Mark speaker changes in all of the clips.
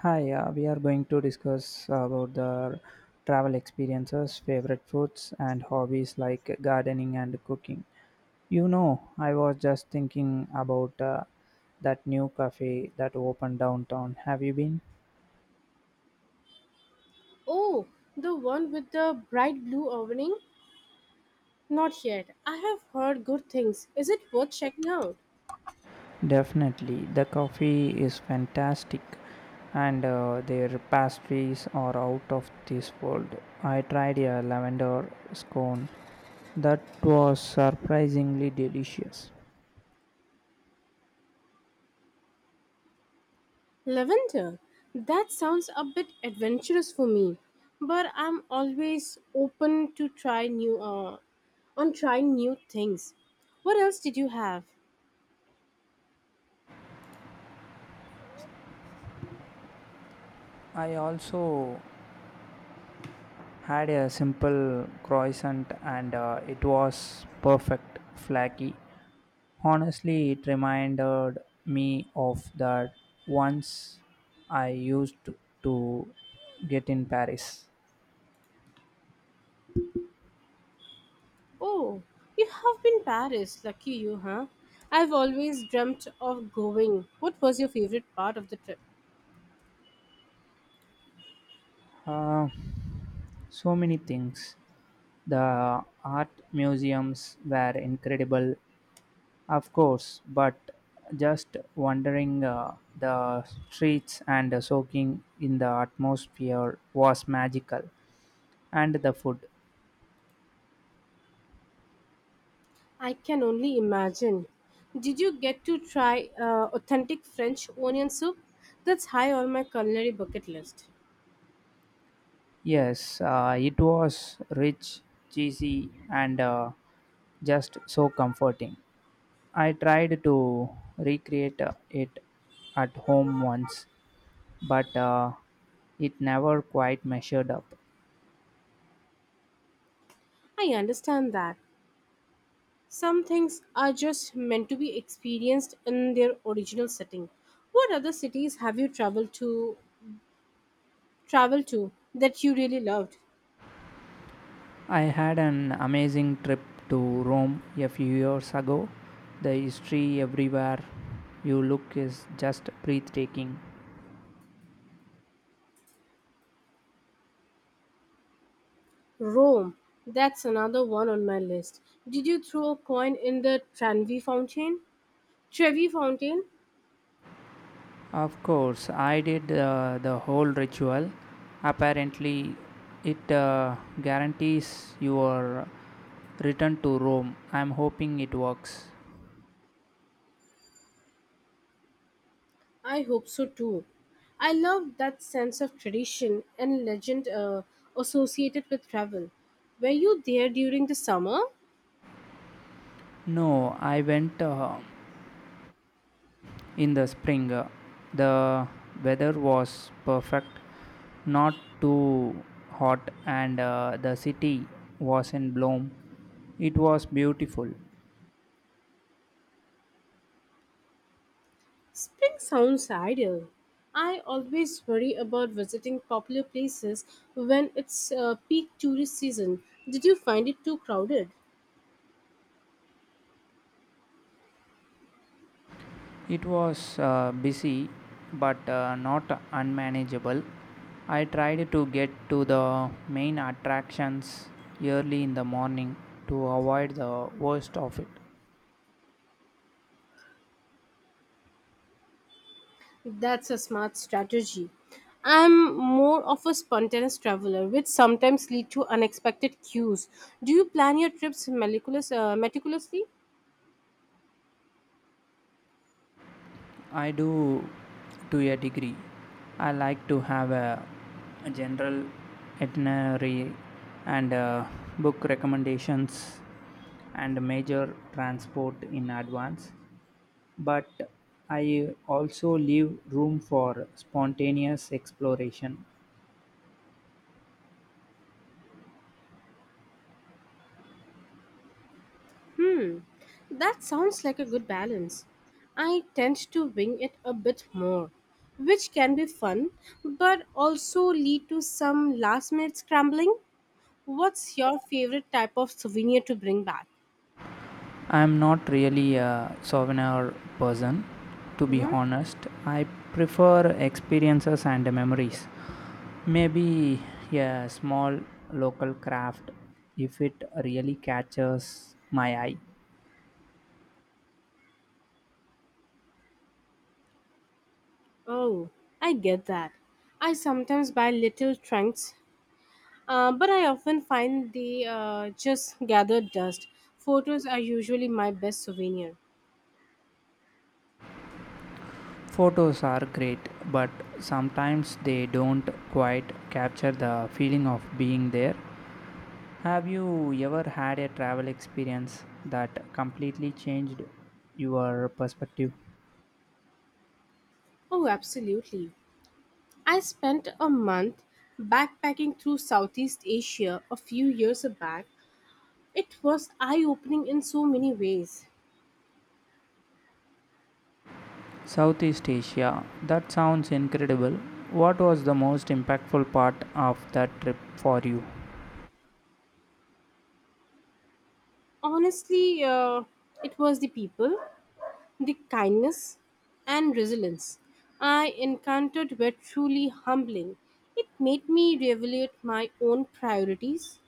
Speaker 1: We are going to discuss about the travel experiences, favorite foods, and hobbies like gardening and cooking. You know, I was just thinking about that new cafe that opened downtown. Have you been?
Speaker 2: Oh, the one with the bright blue awning? Not yet. I have heard good things. Is it worth checking out?
Speaker 1: Definitely. The coffee is fantastic, and their pastries are out of this world. I tried a lavender scone that was surprisingly delicious.
Speaker 2: Lavender. That sounds a bit adventurous for me, but I'm always open to try new on trying new things. What else did you have?
Speaker 1: I also had a simple croissant and it was perfect, flaky. Honestly, it reminded me of that once I used to get in Paris.
Speaker 2: Oh, you have been Paris. Lucky you, huh? I've always dreamt of going. What was your favorite part of the trip?
Speaker 1: uh, so many things. The art museums were incredible of course, but just wandering the streets and soaking in the atmosphere was magical. And the food.
Speaker 2: I can only imagine. Did you get to try authentic French onion soup? That's high on my culinary bucket list.
Speaker 1: Yes, it was rich, cheesy, and just so comforting. I tried to recreate it at home once, but it never quite measured up.
Speaker 2: I understand that. Some things are just meant to be experienced in their original setting. What other cities have you traveled to that you really loved?
Speaker 1: I had an amazing trip to Rome a few years ago. The history everywhere you look is just breathtaking.
Speaker 2: Rome. That's another one on my list. Did you throw a coin in the Tranvi fountain? Trevi fountain?
Speaker 1: Of course, I did the whole ritual. Apparently, it guarantees your return to Rome. I'm hoping it works.
Speaker 2: I hope so too. I love that sense of tradition and legend associated with travel. Were you there during the summer?
Speaker 1: No, I went in the spring. The weather was perfect, not too hot, and the city was in bloom. It was beautiful.
Speaker 2: Spring sounds ideal. I always worry about visiting popular places when it's peak tourist season. Did you find it too crowded?
Speaker 1: It was busy but not unmanageable. I tried to get to the main attractions early in the morning to avoid the worst of it.
Speaker 2: That's a smart strategy. I'm more of a spontaneous traveler, which sometimes lead to unexpected cues. Do you plan your trips meticulously?
Speaker 1: I do, to a degree. I like to have a general itinerary and book recommendations and major transport in advance. But I also leave room for spontaneous exploration.
Speaker 2: Hmm, that sounds like a good balance. I tend to wing it a bit more, which can be fun, but also lead to some last minute scrambling. What's your favorite type of souvenir to bring back?
Speaker 1: I'm not really a souvenir person, to be
Speaker 2: Hmm.
Speaker 1: honest. I prefer experiences and memories. Maybe a small local craft, if it really catches my eye.
Speaker 2: Oh, I get that. I sometimes buy little trunks, but I often find they just gather dust. Photos are usually my best souvenir.
Speaker 1: Photos are great, but sometimes they don't quite capture the feeling of being there. Have you ever had a travel experience that completely changed your perspective?
Speaker 2: Oh, absolutely. I spent a month backpacking through Southeast Asia a few years back. It was eye opening in so many ways.
Speaker 1: Southeast Asia, that sounds incredible. What was the most impactful part of that trip for you?
Speaker 2: Honestly, it was the people, the kindness, and resilience I encountered were truly humbling. It made me reevaluate my own priorities.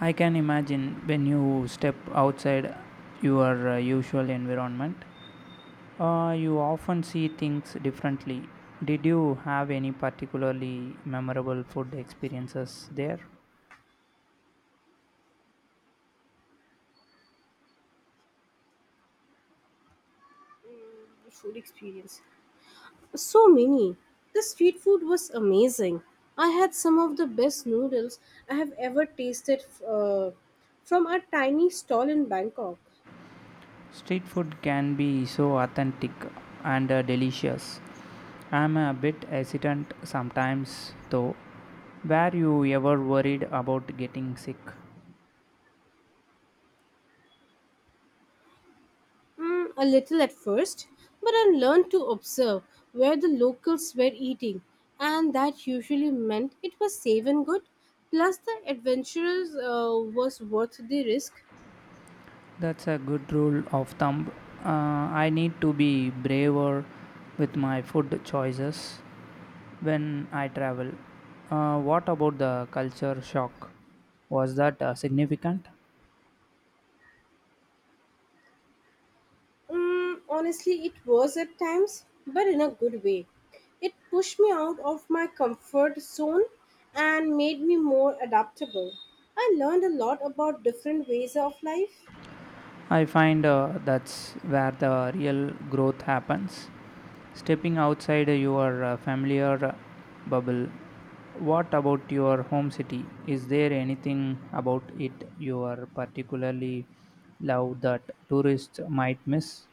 Speaker 1: I can imagine, when you step outside your usual environment, you often see things differently. Did you have any particularly memorable food experiences there?
Speaker 2: Food experience. So many. The street food was amazing. I had some of the best noodles I have ever tasted from a tiny stall in Bangkok.
Speaker 1: Street food can be so authentic and delicious. I'm a bit hesitant sometimes though. Were you ever worried about getting sick?
Speaker 2: Mm, a little at first, but I learned to observe where the locals were eating, and that usually meant it was safe and good. Plus, the adventurers was worth the risk.
Speaker 1: That's a good rule of thumb. I need to be braver with my food choices when I travel. What about the culture shock? Was that significant?
Speaker 2: Mm, honestly, it was at times, but in a good way. It pushed me out of my comfort zone and made me more adaptable. I learned a lot about different ways of life.
Speaker 1: I find that's where the real growth happens. Stepping outside your familiar bubble. What about your home city? Is there anything about it you are particularly love that tourists might miss?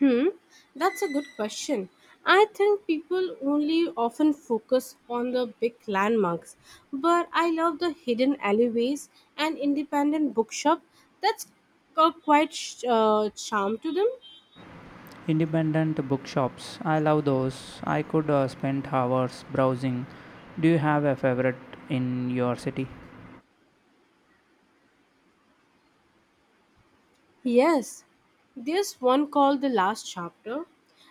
Speaker 2: Hmm, that's a good question. I think people only often focus on the big landmarks, but I love the hidden alleyways and independent bookshop. That's got quite charm to them.
Speaker 1: Independent bookshops. I love those. I could spend hours browsing. Do you have a favorite in your city?
Speaker 2: Yes, there's one called The Last Chapter.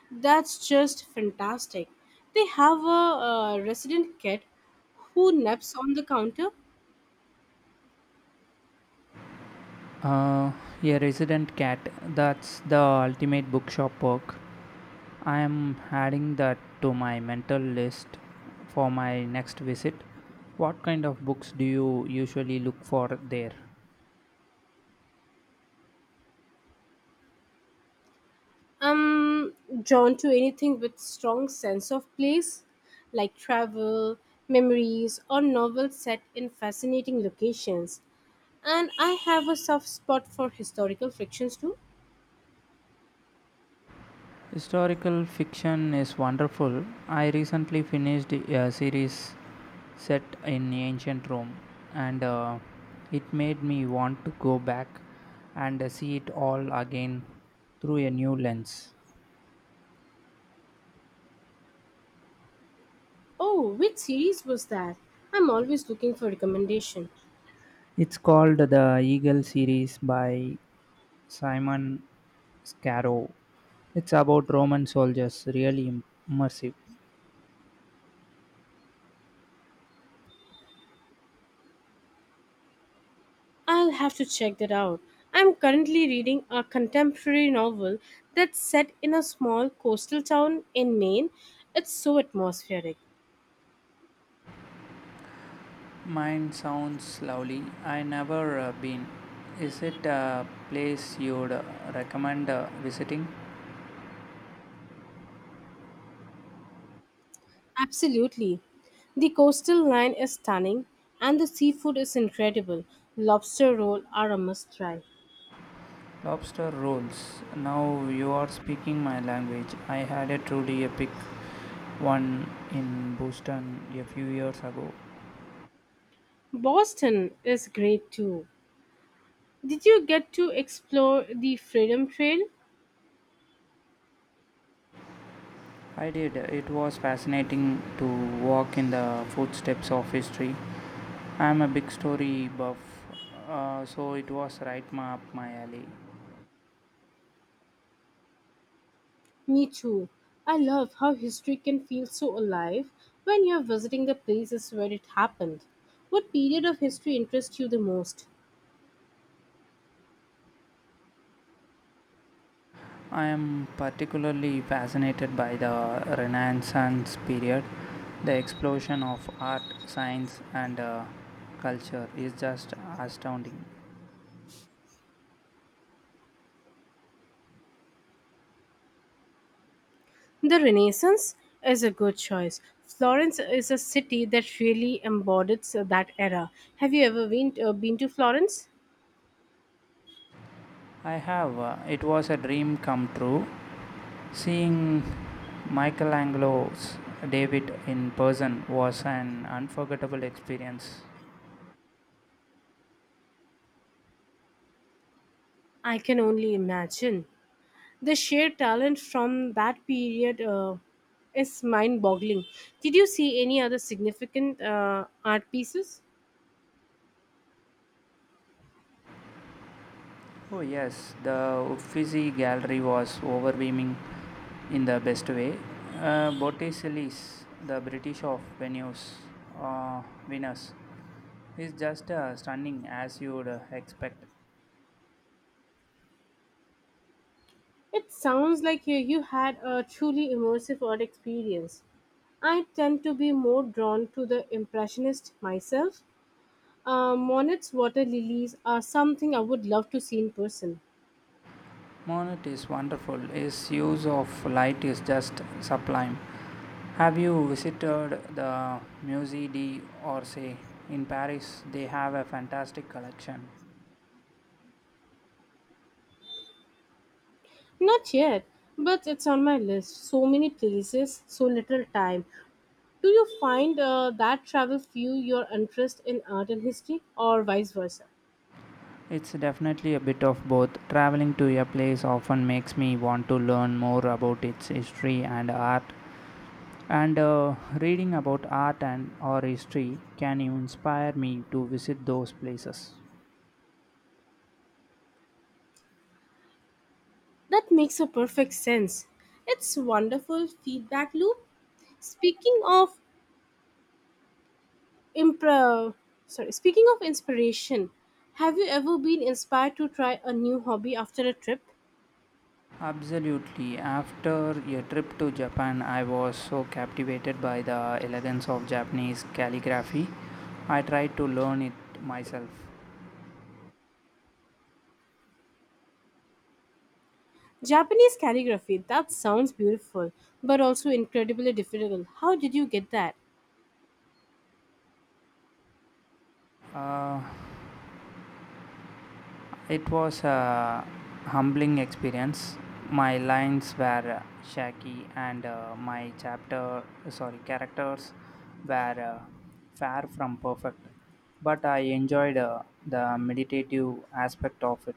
Speaker 2: That's just fantastic. They have a, resident cat who naps on the counter.
Speaker 1: Uh, a resident cat. That's the ultimate bookshop perk. I am adding that to my mental list for my next visit. What kind of books do you usually look for there?
Speaker 2: I'm drawn to anything with strong sense of place, like travel, memories, or novels set in fascinating locations. And I have a soft spot for historical fictions too.
Speaker 1: Historical fiction is wonderful. I recently finished a series set in ancient Rome, and it made me want to go back and see it all again through a new lens.
Speaker 2: Oh, which series was that? I'm always looking for recommendation.
Speaker 1: It's called the Eagle series by Simon Scarrow. It's about Roman soldiers, really immersive.
Speaker 2: I'll have to check that out. I'm currently reading a contemporary novel that's set in a small coastal town in Maine. It's so atmospheric.
Speaker 1: Mine sounds lovely. I never been. Is it a place you'd recommend visiting?
Speaker 2: Absolutely. The coastal line is stunning and the seafood is incredible. Lobster roll are a must try.
Speaker 1: Lobster rolls. Now you are speaking my language. I had a truly epic one in Boston a few years ago.
Speaker 2: Boston is great too. Did you get to explore the Freedom Trail?
Speaker 1: I did. It was fascinating to walk in the footsteps of history. I'm a big story buff, so it was right up my alley.
Speaker 2: Me too. I love how history can feel so alive when you're visiting the places where it happened. What period of history interests you the most?
Speaker 1: I am particularly fascinated by the Renaissance period. The explosion of art, science, and culture is just astounding.
Speaker 2: The Renaissance is a good choice. Florence is a city that really embodies that era. Have you ever been to Florence?
Speaker 1: I have, it was a dream come true. Seeing Michelangelo's David in person was an unforgettable experience.
Speaker 2: I can only imagine. The sheer talent from that period is mind boggling. Did you see any other significant art pieces?
Speaker 1: Oh, yes, the Uffizi Gallery was overwhelming in the best way. Botticelli's The British of Venus, uh, Venus is just stunning, as you would expect.
Speaker 2: It sounds like you had a truly immersive art experience. I tend to be more drawn to the Impressionist myself. Monet's water lilies are something I would love to see in person.
Speaker 1: Monet is wonderful. His use of light is just sublime. Have you visited the Musée d'Orsay in Paris? They have a fantastic collection.
Speaker 2: Not yet, but it's on my list. So many places, so little time. Do you find that travel fuel your interest in art and history, or vice versa?
Speaker 1: It's definitely a bit of both. Traveling to a place often makes me want to learn more about its history and art. And reading about art and or history can even inspire me to visit those places.
Speaker 2: That makes a perfect sense. It's wonderful feedback loop. Speaking of Impro- sorry. Speaking of inspiration, have you ever been inspired to try a new hobby after a trip?
Speaker 1: Absolutely. After a trip to Japan, I was so captivated by the elegance of Japanese calligraphy. I tried to learn it myself.
Speaker 2: Japanese calligraphy, that sounds beautiful, but also incredibly difficult. How did you get that?
Speaker 1: Uh, It was a humbling experience. My lines were shaky, and my characters were far from perfect. But I enjoyed the meditative aspect of it.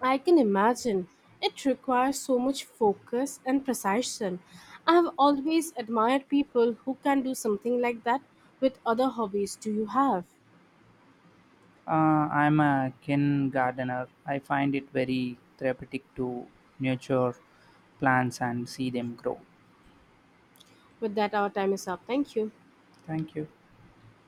Speaker 2: I can imagine. It requires so much focus and precision. I have always admired people who can do something like that with other hobbies. Do you have?
Speaker 1: I'm a kin gardener. I find it very therapeutic to nurture plants and see them grow.
Speaker 2: With that, our time is up. Thank you.
Speaker 1: Thank you.